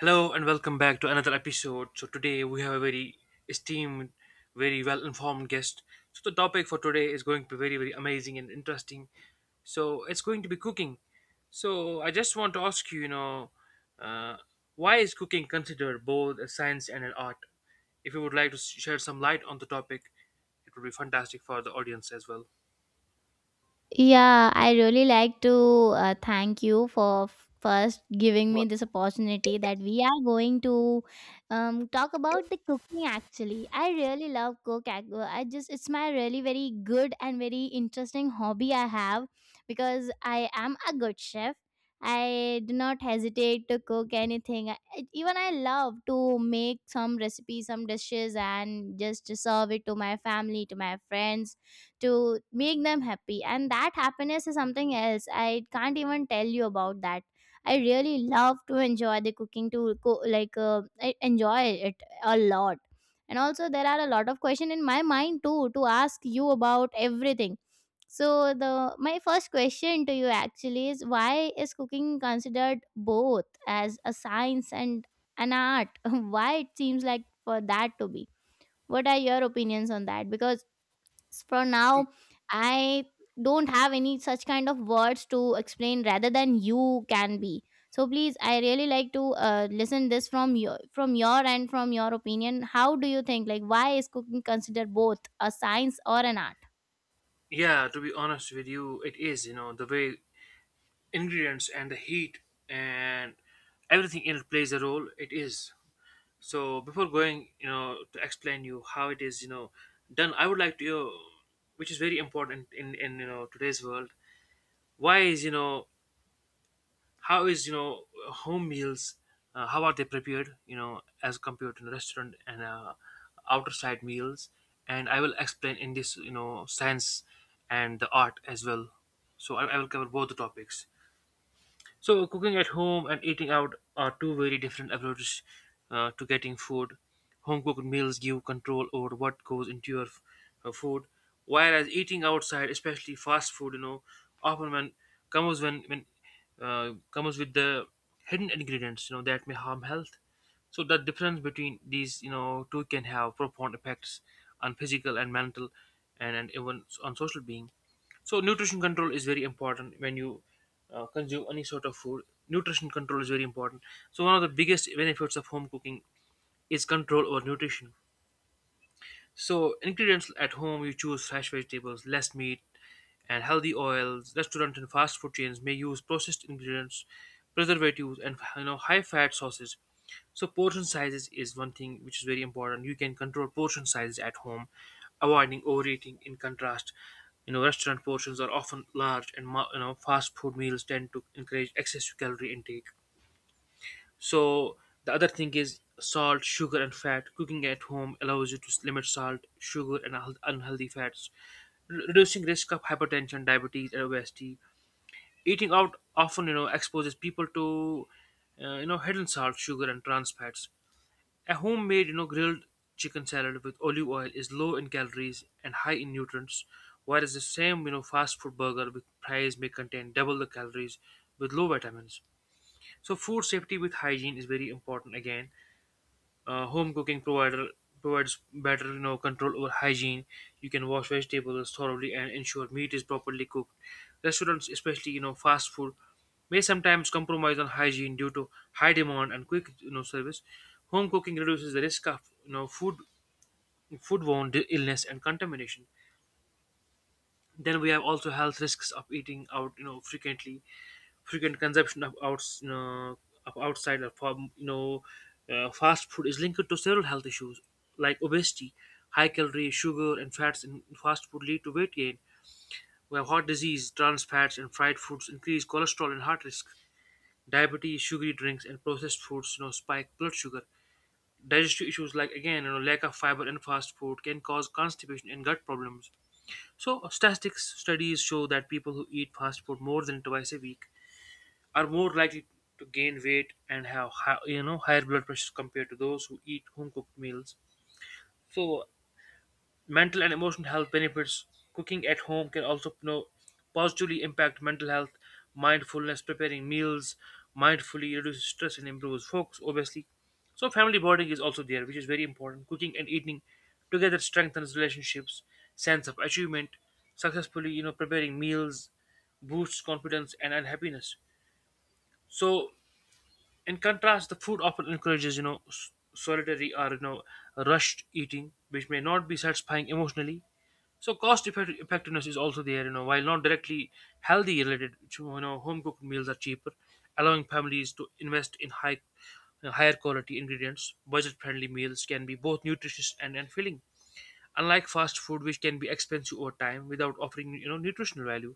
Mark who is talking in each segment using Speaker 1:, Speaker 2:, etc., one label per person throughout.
Speaker 1: Hello and welcome back to another episode. So today we have a very esteemed, very well-informed guest. So the topic for today is going to be very, very amazing and interesting. So it's going to be cooking. So I just want to ask you, you know, uh, why is cooking considered both a science and an art? If you would like to share some light on the topic, it would be fantastic for the audience as well.
Speaker 2: Yeah, I really like to thank you for first giving me
Speaker 1: Well,
Speaker 2: this opportunity that we are going to talk about the cooking actually. I really love cook. I just it's my really very good and very interesting hobby I have because I am a good chef. I do not hesitate to cook anything. Even I love to make some recipes, some dishes and just to serve it to my family, to my friends to make them happy, and that happiness is something else. I can't even tell you about that. I really love to enjoy the cooking to co- like I enjoy it a lot. And also there are a lot of questions in my mind too to ask you about everything. So the my first question to you actually is, why is cooking considered both as a science and an art? Why it seems like for that to be? What are your opinions on that? Because for now I don't have any such kind of words to explain rather than you can be. So please, I really like to listen this from your end, from your opinion. How do you think, like, why is cooking considered both a science or an art?
Speaker 1: yeah, to be honest with you, it is, you know, the way ingredients and the heat and everything in it plays a role. It is, so before going, you know, to explain you how it is, you know, done, I would like to, you know, which is very important in you know today's world, why is, you know, how is, you know, home meals, how are they prepared, you know, as compared to the restaurant and outer side meals, and I will explain in this, you know, science and the art as well. So I will cover both the topics. So, cooking at home and eating out are two very different approaches to getting food. Home cooked meals give control over what goes into your food, whereas eating outside, especially fast food, you know, often when comes with the hidden ingredients, you know, that may harm health. So the difference between these, you know, two can have profound effects on physical and mental, and even on social being. So nutrition control is very important when you consume any sort of food. Nutrition control is very important. So one of the biggest benefits of home cooking is control over nutrition. So ingredients at home, you choose fresh vegetables, less meat, and healthy oils. Restaurant and fast food chains may use processed ingredients, preservatives, and you know high fat sauces. So portion sizes is one thing which is very important. You can control portion sizes at home, avoiding overeating. In contrast, you know restaurant portions are often large, and you know fast food meals tend to encourage excessive calorie intake. So the other thing is salt, sugar, and fat. Cooking at home allows you to limit salt, sugar, and unhealthy fats, reducing risk of hypertension, diabetes, and obesity. Eating out often, you know, exposes people to, you know, hidden salt, sugar, and trans fats. A homemade, you know, grilled chicken salad with olive oil is low in calories and high in nutrients, whereas the same, you know, fast food burger with fries may contain double the calories with low vitamins. So food safety with hygiene is very important again. Home cooking provider provides better, you know, control over hygiene. You can wash vegetables thoroughly and ensure meat is properly cooked. Restaurants, especially, you know, fast food, may sometimes compromise on hygiene due to high demand and quick, you know, service. Home cooking reduces the risk of, you know, foodborne illness and contamination. Then we have also health risks of eating out, you know, frequently. Frequent consumption of outside or from, you know, fast food is linked to several health issues like obesity. High calorie, sugar, and fats in fast food lead to weight gain. We have heart disease, trans fats, and fried foods increase cholesterol and heart risk. Diabetes, sugary drinks, and processed foods, you know, spike blood sugar. Digestive issues, like again, you know, lack of fiber in fast food, can cause constipation and gut problems. So, statistics studies show that people who eat fast food more than twice a week are more likely to gain weight and have high, you know, higher blood pressure compared to those who eat home cooked meals. So, mental and emotional health benefits. Cooking at home can also, you know, positively impact mental health. Mindfulness, preparing meals mindfully reduces stress and improves focus, obviously. So family bonding is also there, which is very important. Cooking and eating together strengthens relationships, sense of achievement, successfully, you know, preparing meals, boosts confidence and unhappiness. So, in contrast, the food often encourages, you know, solitary or, you know, rushed eating, which may not be satisfying emotionally. So cost effectiveness is also there, you know, while not directly healthy related, you know, home cooked meals are cheaper, allowing families to invest in higher quality ingredients. Budget friendly meals can be both nutritious and filling, unlike fast food, which can be expensive over time without offering, you know, nutritional value.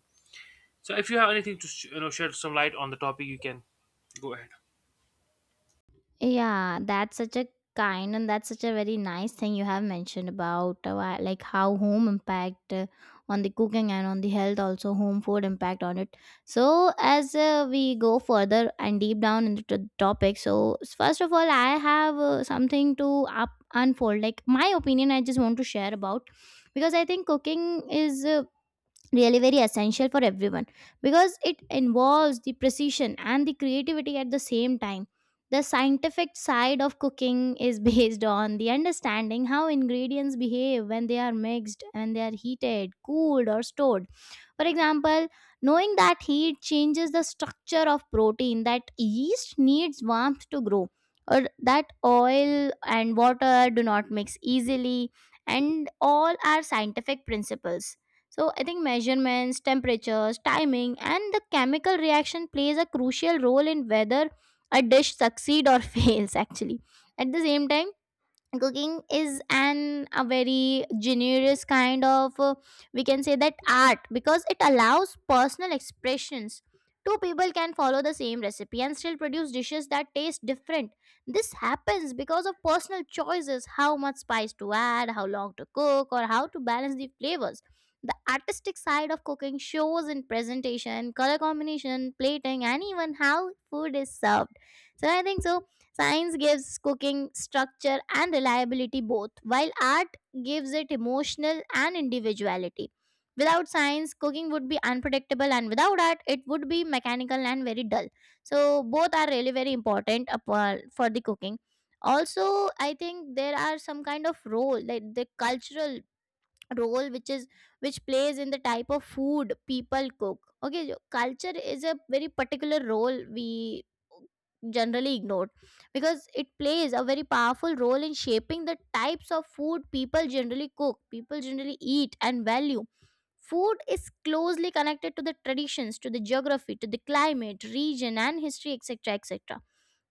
Speaker 1: So if you have anything to, you know, shed some light on the topic, you can go ahead.
Speaker 2: Yeah, that's such a kind, and that's such a very nice thing you have mentioned about like how home impact on the cooking, and on the health also home food impact on it. So as we go further and deep down into the topic, so first of all, I have something to up unfold, like my opinion I just want to share about. Because I think cooking is really very essential for everyone, because it involves the precision and the creativity at the same time. The scientific side of cooking is based on the understanding how ingredients behave when they are mixed and they are heated, cooled, or stored. For example, knowing that heat changes the structure of protein, that yeast needs warmth to grow, or that oil and water do not mix easily, and all are scientific principles. So I think measurements, temperatures, timing, and the chemical reaction plays a crucial role in whether a dish succeed or fails actually. At the same time, cooking is an a very generous kind of we can say that art, because it allows personal expressions. Two people can follow the same recipe and still produce dishes that taste different. This happens because of personal choices: how much spice to add, how long to cook, or how to balance the flavors. The artistic side of cooking shows in presentation, color combination, plating, and even how food is served. So I think so. Science gives cooking structure and reliability both, while art gives it emotional and individuality. Without science, cooking would be unpredictable, and without art, it would be mechanical and very dull. So, both are really very important for the cooking. Also, I think there are some kind of role, like the cultural role which is which plays in the type of food people cook. Okay, culture is a very particular role we generally ignored, because it plays a very powerful role in shaping the types of food people generally cook, people generally eat and value. Food is closely connected to the traditions, to the geography, to the climate region and history, etc., etc.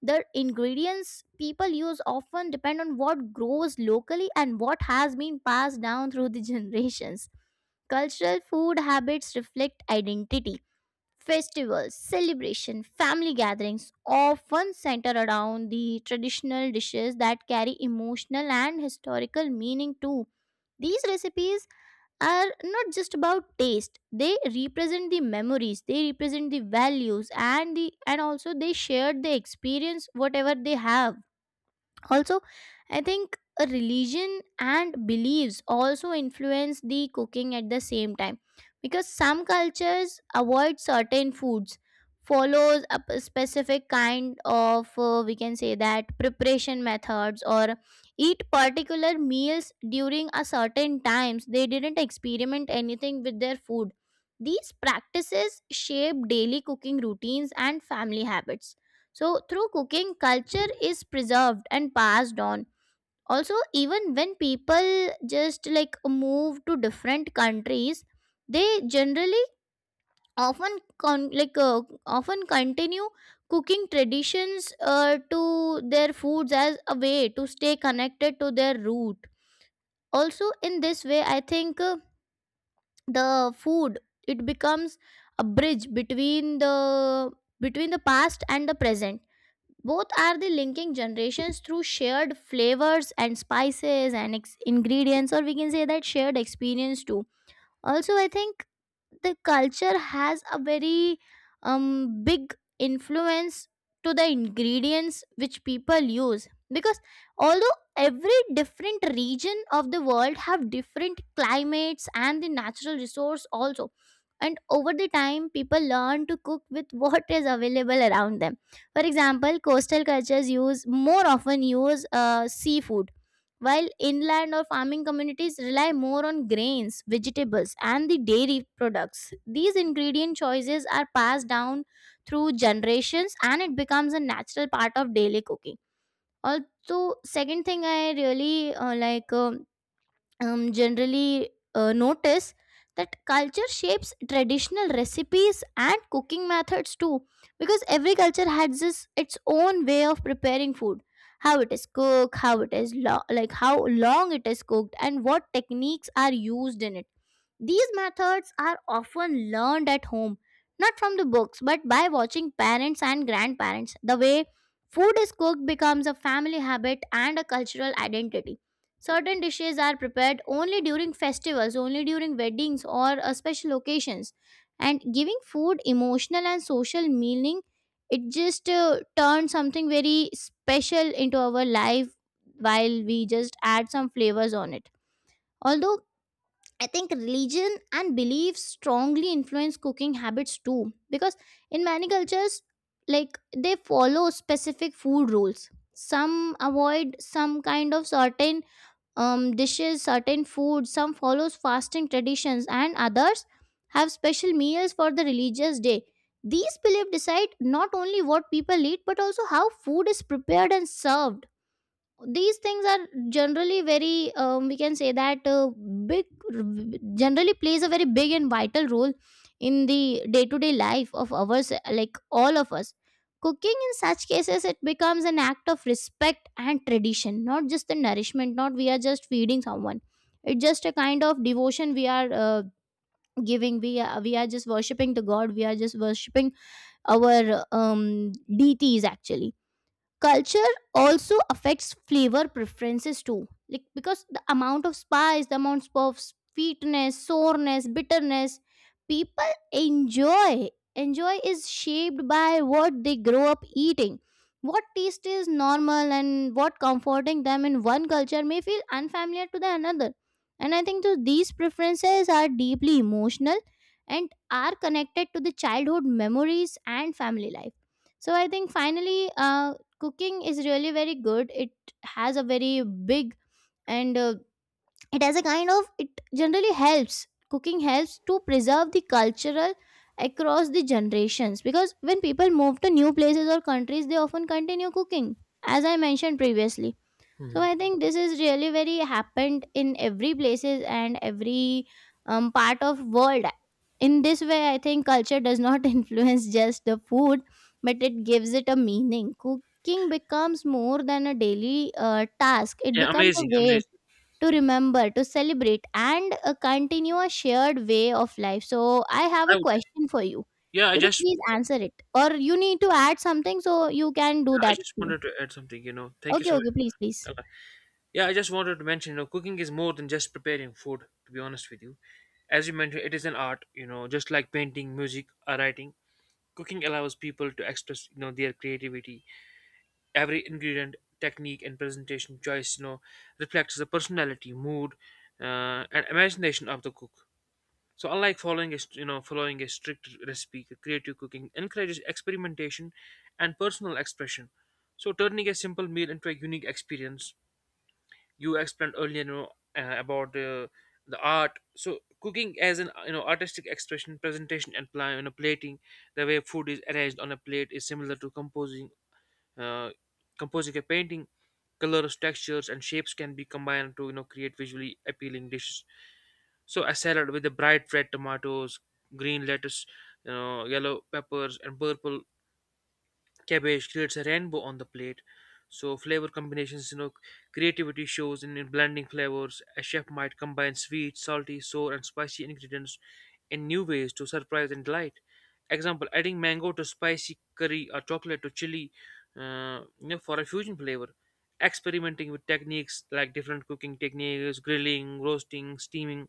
Speaker 2: The ingredients people use often depend on what grows locally and what has been passed down through the generations. Cultural food habits reflect identity. Festivals, celebration, family gatherings often center around the traditional dishes that carry emotional and historical meaning too. These recipes are not just about taste, they represent the memories, they represent the values, and the and also they shared the experience whatever they have. Also, I think a religion and beliefs also influence the cooking at the same time, because some cultures avoid certain foods, follows a specific kind of we can say that preparation methods, or eat particular meals during a certain times they didn't experiment anything with their food. These practices shape daily cooking routines and family habits. So, through cooking, culture is preserved and passed on. Also, even when people just like move to different countries, they generally often continue cooking traditions to their foods as a way to stay connected to their root. Also, in this way, I think the food it becomes a bridge between the past and the present, both are the linking generations through shared flavors and spices and ingredients, or we can say that shared experience too. Also, I think the culture has a very big influence to the ingredients which people use, because although every different region of the world have different climates and the natural resource also, and over the time people learn to cook with what is available around them. For example, coastal cultures use more often use seafood, while inland or farming communities rely more on grains, vegetables, and the dairy products. These ingredient choices are passed down through generations, and it becomes a natural part of daily cooking. Also, second thing I really like. Generally notice that culture shapes traditional recipes and cooking methods too, because every culture has this, its own way of preparing food, how it is cooked, how long it is cooked, and what techniques are used in it. These methods are often learned at home, not from the books, but by watching parents and grandparents. The way food is cooked becomes a family habit and a cultural identity. Certain dishes are prepared only during festivals, only during weddings or special occasions. And giving food emotional and social meaning, it just turns something very special into our life while we just add some flavors on it. Although I think religion and beliefs strongly influence cooking habits too, because in many cultures, like they follow specific food rules. Some avoid some kind of certain dishes, certain foods. Some follows fasting traditions, and others have special meals for the religious day. These beliefs decide not only what people eat but also how food is prepared and served. These things are generally very we can say that big, generally plays a very big and vital role in the day to day life of ours, like all of us. Cooking in such cases, it becomes an act of respect and tradition, not just the nourishment, not we are just feeding someone. It's just a kind of devotion we are giving, we are just worshiping the god, we are just worshiping our deities actually. Culture also affects flavor preferences too, like because the amount of spice, the amount of sweetness, soreness, bitterness people enjoy enjoy is shaped by what they grow up eating. What taste is normal and what comforting them in one culture may feel unfamiliar to the another. And I think so these preferences are deeply emotional and are connected to the childhood memories and family life. So I think finally cooking is really very good. It has a very big and it has a kind of it generally helps, cooking helps to preserve the cultural across the generations, because when people move to new places or countries, they often continue cooking, as I mentioned previously. So
Speaker 1: Hmm.
Speaker 2: I think this is really very happened in every places and every part of world. In this way, I think culture does not influence just the food, but it gives it a meaning. Cooking becomes more than a daily task, it
Speaker 1: Yeah,
Speaker 2: becomes a
Speaker 1: amazing,
Speaker 2: way
Speaker 1: amazing.
Speaker 2: to remember, to celebrate, and continue a shared way of life. So I have
Speaker 1: I
Speaker 2: a
Speaker 1: would,
Speaker 2: question for you,
Speaker 1: yeah,
Speaker 2: could you please answer it, or you need to add something, so you can do
Speaker 1: I
Speaker 2: that
Speaker 1: just
Speaker 2: too.
Speaker 1: wanted to add something, you know. Thank you
Speaker 2: Okay,
Speaker 1: so much.
Speaker 2: okay, please, please.
Speaker 1: Yeah, I just wanted to mention, you know, cooking is more than just preparing food, to be honest with you. As you mentioned, it is an art, you know, just like painting, music, or writing. Cooking allows people to express, you know, their creativity. Every ingredient, technique, and presentation choice, you know, reflects the personality, mood, and imagination of the cook. So, unlike following you know, following a strict recipe, creative cooking encourages experimentation and personal expression. So, turning a simple meal into a unique experience, you explained earlier, you know, about the art. So cooking as an, you know, artistic expression presentation and you know, plating, the way food is arranged on a plate is similar to composing uh, composing a painting. Colors, textures, and shapes can be combined to, you know, create visually appealing dishes. So a salad with the bright red tomatoes, green lettuce, you know, yellow peppers and purple cabbage creates a rainbow on the plate. So flavor combinations, you know, creativity shows in blending flavors. A chef might combine sweet, salty, sour, and spicy ingredients in new ways to surprise and delight. Example: adding mango to spicy curry or chocolate to chili, you know, for a fusion flavor. Experimenting with techniques, like different cooking techniques, grilling, roasting, steaming,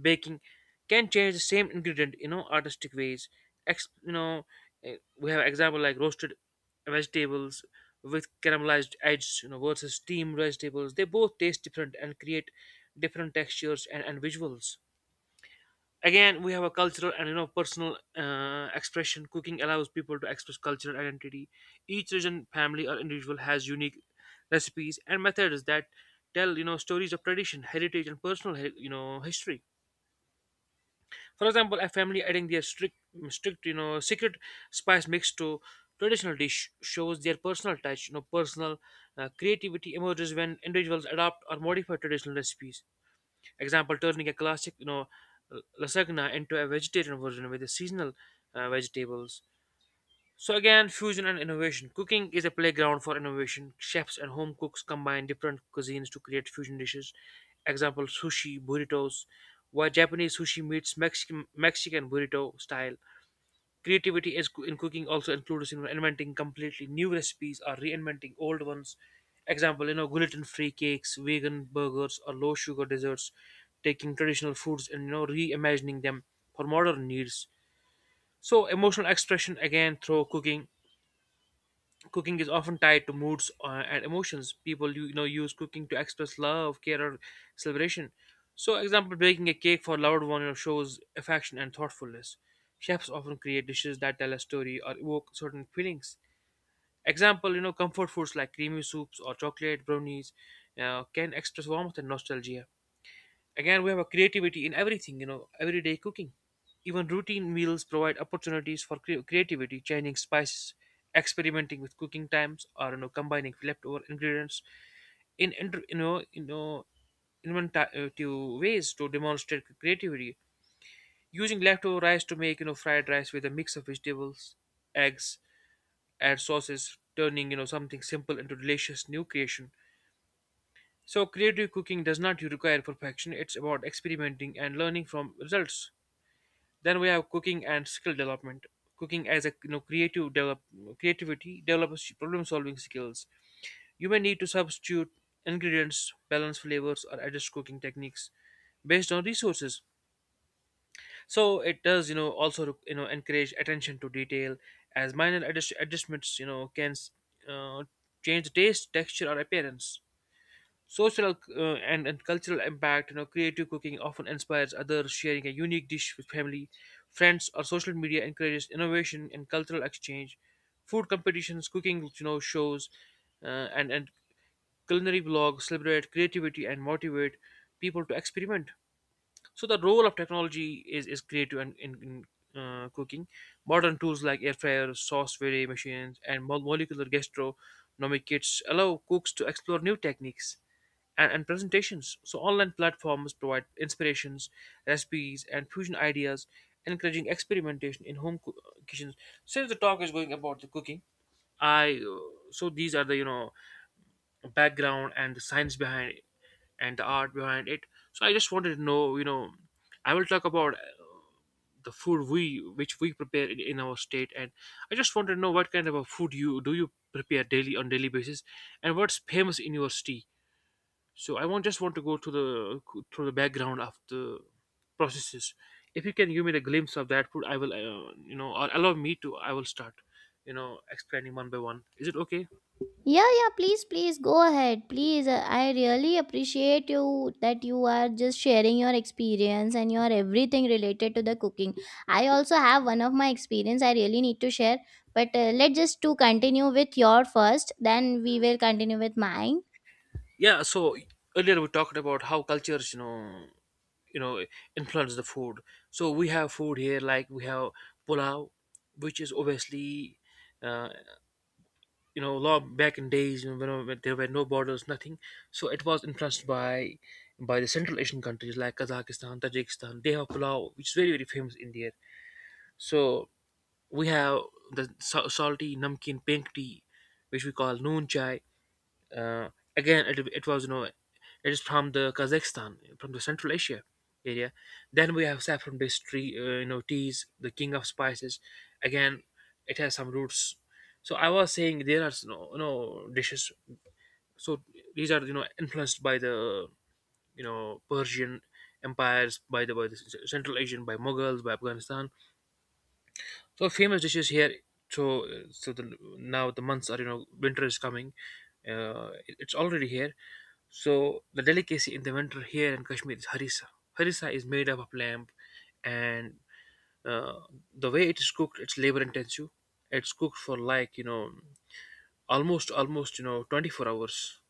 Speaker 1: baking, can change the same ingredient, you know, artistic ways. Ex- you know we have example like roasted vegetables with caramelized edges, you know, versus steamed vegetables. They both taste different and create different textures and visuals. Again, we have a cultural and, you know, personal expression. Cooking allows people to express cultural identity. Each region, family, or individual has unique recipes and methods that tell, you know, stories of tradition, heritage, and personal you know, history. For example, a family adding their you know, secret spice mix to traditional dish shows their personal touch. You know, personal creativity emerges when individuals adopt or modify traditional recipes. Example: turning a classic, you know, lasagna into a vegetarian version with the seasonal vegetables. So again, fusion and innovation. Cooking is a playground for innovation. Chefs and home cooks combine different cuisines to create fusion dishes. Example: sushi, burritos, where Japanese sushi meets Mexican burrito style. Creativity is in cooking also includes in inventing completely new recipes or reinventing old ones. Example: you know, gluten-free cakes, vegan burgers, or low-sugar desserts. Taking traditional foods and, you know, reimagining them for modern needs. So emotional expression again through cooking, cooking is often tied to moods and emotions. People you know, use cooking to express love, care, or celebration. So example, baking a cake for a loved one, you know, shows affection and thoughtfulness. Chefs often create dishes that tell a story or evoke certain feelings. Example, you know, comfort foods like creamy soups or chocolate brownies can express warmth and nostalgia. Again, we have a creativity in everything, you know, everyday cooking. Even routine meals provide opportunities for creativity, changing spices, experimenting with cooking times, or, you know, combining leftover ingredients in inventive ways to demonstrate creativity. Using leftover rice to make, you know, fried rice with a mix of vegetables, eggs, and sauces, turning, you know, something simple into delicious new creation. So creative cooking does not require perfection. It's about experimenting and learning from results. Then we have cooking and skill development. Cooking as a, you know, creative develop creativity develops problem solving skills. You may need to substitute ingredients, balance flavors, or adjust cooking techniques based on resources. So it does, you know, also, you know, encourage attention to detail as minor adjustments, you know, can uh, change the taste, texture, or appearance. Social and cultural impact, you know, creative cooking often inspires others. Sharing a unique dish with family, friends, or social media encourages innovation and cultural exchange. Food competitions, cooking, you know, shows, uh, and culinary vlogs celebrate creativity and motivate people to experiment. So the role of technology is creative in cooking. Modern tools like air fryer, sauce vary machines, and molecular gastronomic kits allow cooks to explore new techniques and presentations. So online platforms provide inspirations, recipes, and fusion ideas, encouraging experimentation in home kitchens. Since the talk is going about the cooking, I so these are the background and the science behind it, and the art behind it, so I just wanted to know. I will talk about the food we which we prepare in our state, and I just wanted to know what kind of a food you do you prepare daily on daily basis, and what's famous in your city. So I want just want to go to the through the background of the processes. If you can give me the glimpse of that food, I will you know or allow me to, I will start explaining one by one. Is it okay?
Speaker 2: Yeah, yeah, please, please go ahead. Please, I really appreciate you that you are just sharing your experience and your everything related to the cooking. I also have one of my experience I really need to share, but let's just to continue with your first, then we will continue with mine.
Speaker 1: Yeah, so earlier we talked about how cultures, you know, influence the food. So we have food here, like we have pulao, which is obviously, uh, law back in days, when there were no borders, nothing. So it was influenced by the Central Asian countries like Kazakhstan, Tajikistan. They have pulao, which is very very famous in there. So we have the salty namkeen pink tea, which we call noon chai. Uh, again it was, it is from the Kazakhstan, from the Central Asia area. Then we have saffron based tree, teas, the king of spices. Again, it has some roots. So I was saying there are no dishes. So these are, influenced by the, Persian empires, by the Central Asian, by Mughals, by Afghanistan. So, famous dishes here. So so the now the months are, winter is coming. It's already here. So the delicacy in the winter here in Kashmir is harissa. Harissa is made up of lamb, and uh, the way it is cooked, it's labor intensive. It's cooked for, like, almost, 24 hours.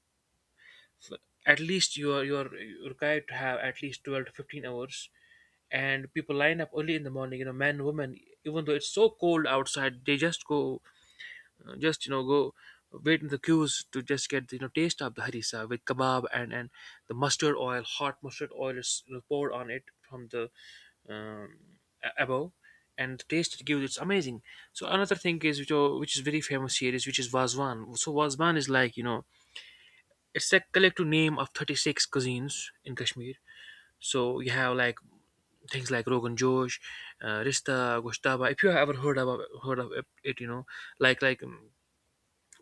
Speaker 1: So at least you're required to have at least 12 to 15 hours, and people line up early in the morning, men, women. Even though it's so cold outside, they just go, just, go wait in the queues to just get the, taste of the harissa with kebab, and the mustard oil. Hot mustard oil is, poured on it from, the um, above, and the taste it gives, it's amazing. So another thing which is very famous here is wazwan. So wazwan is like, it's a collective name of 36 cuisines in Kashmir. So you have, like, things like rogan josh, rista, goshtaba, if you have ever heard of it, like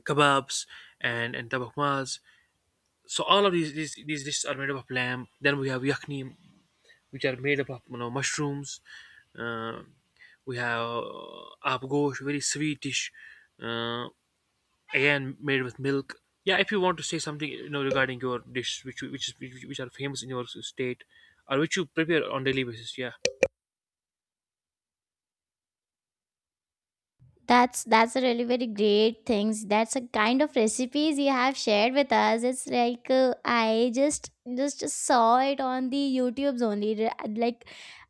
Speaker 1: kebabs, and tabahmas. So all of these dishes are made up of lamb. Then we have yakhni, which are made up of, mushrooms. Uh, we have, very sweet dish, uh, again made with milk. Yeah, if you want to say something, regarding your dish, which you- which is which are famous in your state, or which you prepare on daily basis. Yeah.
Speaker 2: That's a really very great things. That's a kind of recipes you have shared with us. It's like I just saw it on the YouTube's only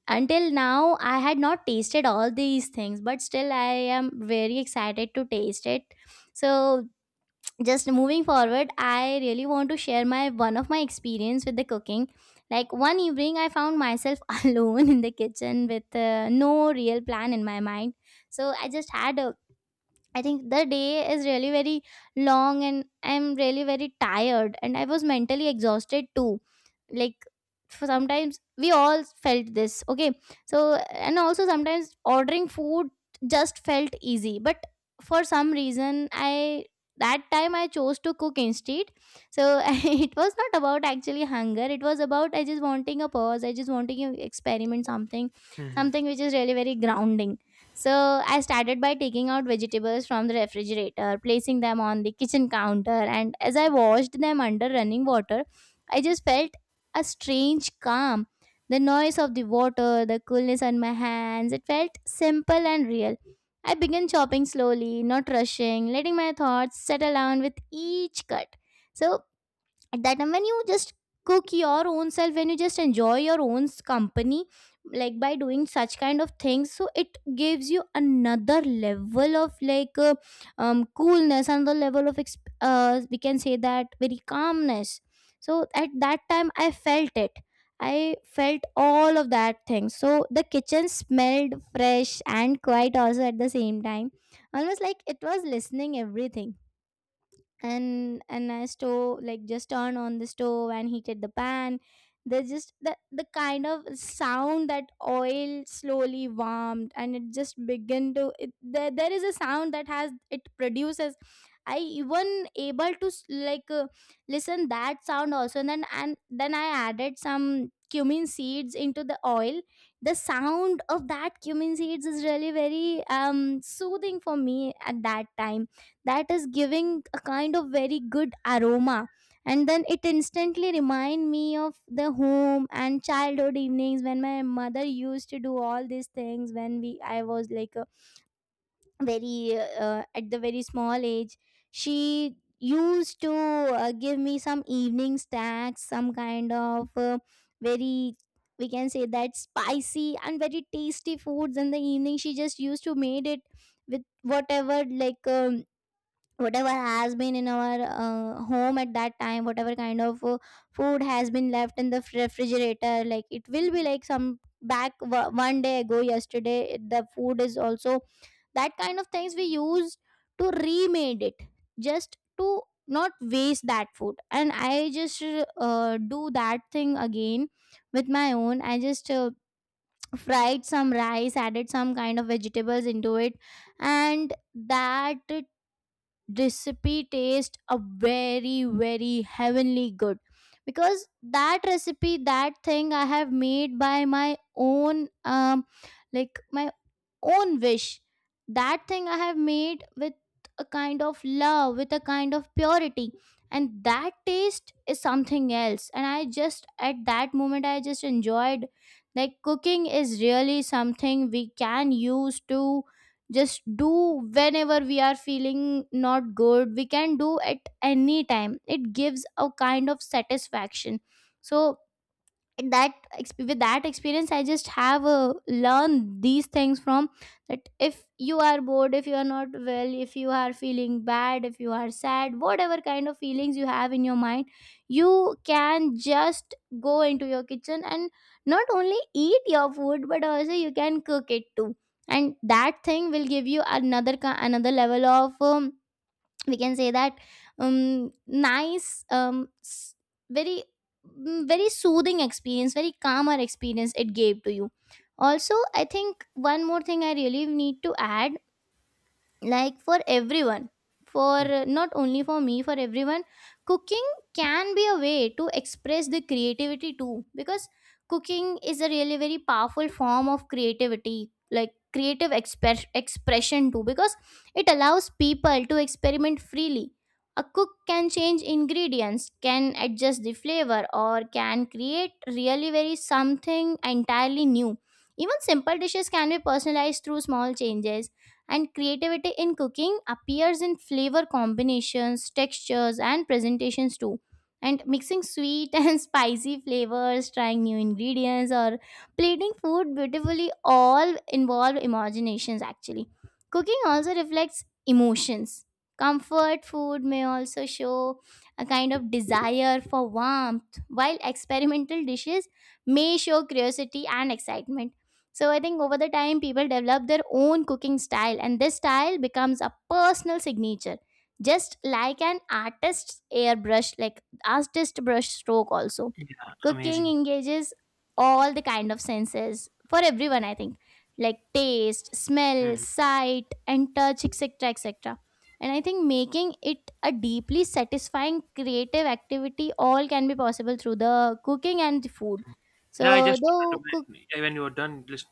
Speaker 2: until now, I had not tasted all these things, but still, I am very excited to taste it. So, just moving forward, I really want to share my one of my experience with the cooking. Like one evening, I found myself alone in the kitchen with no real plan in my mind. So I just had a, I think the day is really very long and I'm really very tired and I was mentally exhausted too. Like for sometimes we all felt this, okay? So and also sometimes ordering food just felt easy, but for some reason I that time I chose to cook instead. So it was not about actually hunger. It was about I just wanting a pause. I just wanting to experiment something,
Speaker 1: Hmm.
Speaker 2: something which is really very grounding. So I started by taking out vegetables from the refrigerator, placing them on the kitchen counter, and as I washed them under running water, I just felt a strange calm. The noise of the water, the coolness on my hands, it felt simple and real. I began chopping slowly, not rushing, letting my thoughts settle down with each cut. So at that time when you just cook your own self, when you just enjoy your own company, like by doing such kind of things, so it gives you another level of like coolness, another level of we can say that very calmness. So at that time I felt it, I felt all of that thing. So the kitchen smelled fresh and quiet also at the same time, almost like it was listening everything. And I stove, like, just turned on the stove and heated the pan. There's just the kind of sound that oil slowly warmed and it just began to it, there is a sound that has it produces. I even able to like listen that sound also. And then I added some cumin seeds into the oil. The sound of that cumin seeds is really very soothing for me at that time. That is giving a kind of very good aroma. And then it instantly remind me of the home and childhood evenings when my mother used to do all these things, when we I was like a very at the very small age. She used to give me some evening snacks, some kind of very, we can say that spicy and very tasty foods in the evening she just used to made it with whatever, like whatever has been in our home at that time, whatever kind of food has been left in the refrigerator, like it will be like some back one day ago, yesterday. The food is also that kind of things we use to remade it, just to not waste that food. And I just do that thing again with my own. I just fried some rice, added some kind of vegetables into it. And that recipe taste a very very heavenly good, because that recipe, that thing I have made by my own, like my own wish. That thing I have made with a kind of love, with a kind of purity. And that taste is something else. And I just, at that moment, I just enjoyed. Like, cooking is really something we can use to just do whenever we are feeling not good. We can do at any time. It gives a kind of satisfaction. So, and that with that experience I just have learned these things from, that if you are bored, if you are not well, if you are feeling bad, if you are sad, whatever kind of feelings you have in your mind, you can just go into your kitchen and not only eat your food but also you can cook it too. And that thing will give you another another level of we can say that nice, very, very soothing experience, very calmer experience it gave to you. Also I think one more thing I really need to add, like for everyone, for not only for me, for everyone, cooking can be a way to express the creativity too, because cooking is a really very powerful form of creativity, like creative expression too, because it allows people to experiment freely. A cook can change ingredients, can adjust the flavor, or can create really very something entirely new. Even simple dishes can be personalized through small changes. And creativity in cooking appears in flavor combinations, textures, and presentations too. And mixing sweet and spicy flavors, trying new ingredients, or plating food beautifully all involve imaginations actually. Cooking also reflects emotions. Comfort food may also show a kind of desire for warmth, while experimental dishes may show curiosity and excitement. So I think over the time, people develop their own cooking style, and this style becomes a personal signature, just like an artist's airbrush, like artist brush stroke. Also,
Speaker 1: Yeah,
Speaker 2: cooking
Speaker 1: amazing.
Speaker 2: engages all the kind of senses for everyone. I think like taste, smell,
Speaker 1: Mhm.
Speaker 2: sight, and touch, etc., etc. And I think making it a deeply satisfying creative activity all can be possible through the cooking and the food.
Speaker 1: Yeah, I
Speaker 2: So,
Speaker 1: just wanted
Speaker 2: though
Speaker 1: to
Speaker 2: cook,
Speaker 1: make — yeah, when you are done, listen —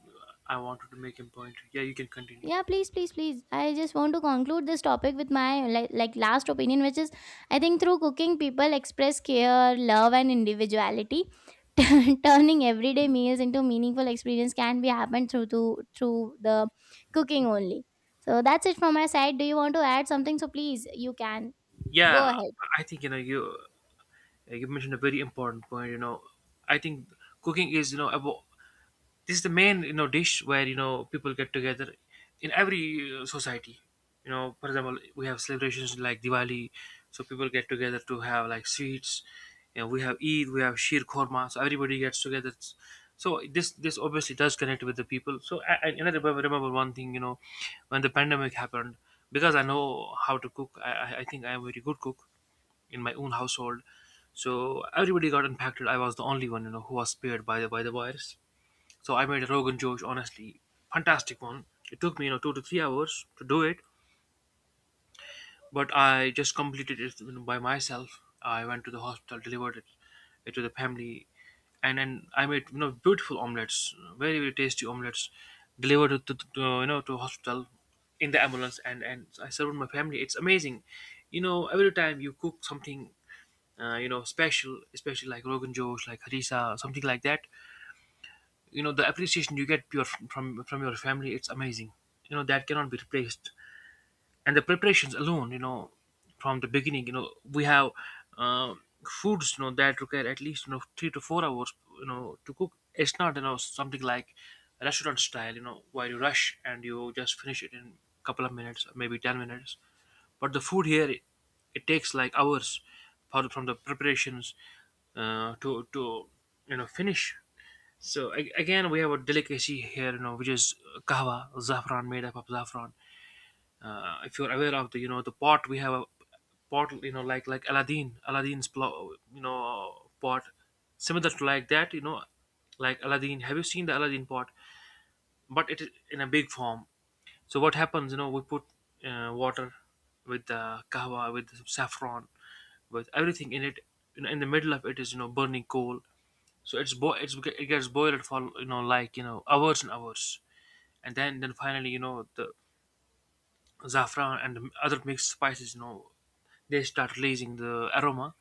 Speaker 1: I wanted to make a point. Yeah, you can continue.
Speaker 2: yeah, please, please, please. I just want to conclude this topic with my like last opinion, which is I think through cooking, people express care, love, and individuality. Turning everyday meals into meaningful experience can be happened through to, through the cooking only. So that's it from my side. Do you want to add something? So please, you can go
Speaker 1: Yeah,
Speaker 2: ahead.
Speaker 1: I think, you mentioned a very important point. I think cooking is, about, this is the main, dish where, people get together in every, society. For example, we have celebrations like Diwali, so people get together to have like sweets. We have Eid, we have Shir Khorma, so everybody gets together. So this obviously does connect with the people. So and I remember one thing. When the pandemic happened, because I know how to cook, I think I am a very good cook in my own household. So everybody got impacted. I was the only one, who was spared by the virus. So I made a Rogan Josh, honestly, fantastic one. It took me, 2 to 3 hours to do it, but I just completed it, by myself. I went to the hospital, delivered it to the family, and then I made, beautiful omelets, very very tasty omelets, delivered it to to hospital in the ambulance, and I served my family. It's amazing. Every time you cook something, special, especially like Rogan Josh, like Harissa, something like that. The appreciation you get your from your family, it's amazing. That cannot be replaced. And the preparations alone, from the beginning, we have, uh, foods, that require at least, 3 to 4 hours, to cook. It's not, something like restaurant style, where you rush and you just finish it in couple of minutes, maybe 10 minutes. But the food here, it takes like hours from the preparations, to, finish. So, again, we have a delicacy here, which is kahwa, saffron, made up of saffron. If you're aware of the pot, we have a pot, like Aladdin, Aladdin's, plo- you know, pot, similar to like that, like Aladdin. Have you seen the Aladdin pot? But it is in a big form. So what happens? We put, water with the kahwa, with the saffron, with everything in it. In the middle of it is, burning coal. So it's bo- it's it gets boiled for, like, hours and hours, and then finally, the saffron and the other mixed spices, they start releasing the aroma.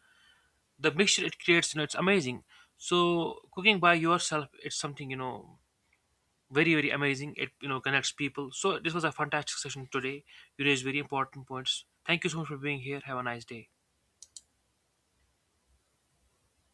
Speaker 1: The mixture it creates, it's amazing. So cooking by yourself, it's something, very very amazing. It, connects people. So this was a fantastic session today. You raised very important points. Thank you so much for being here. Have a nice day.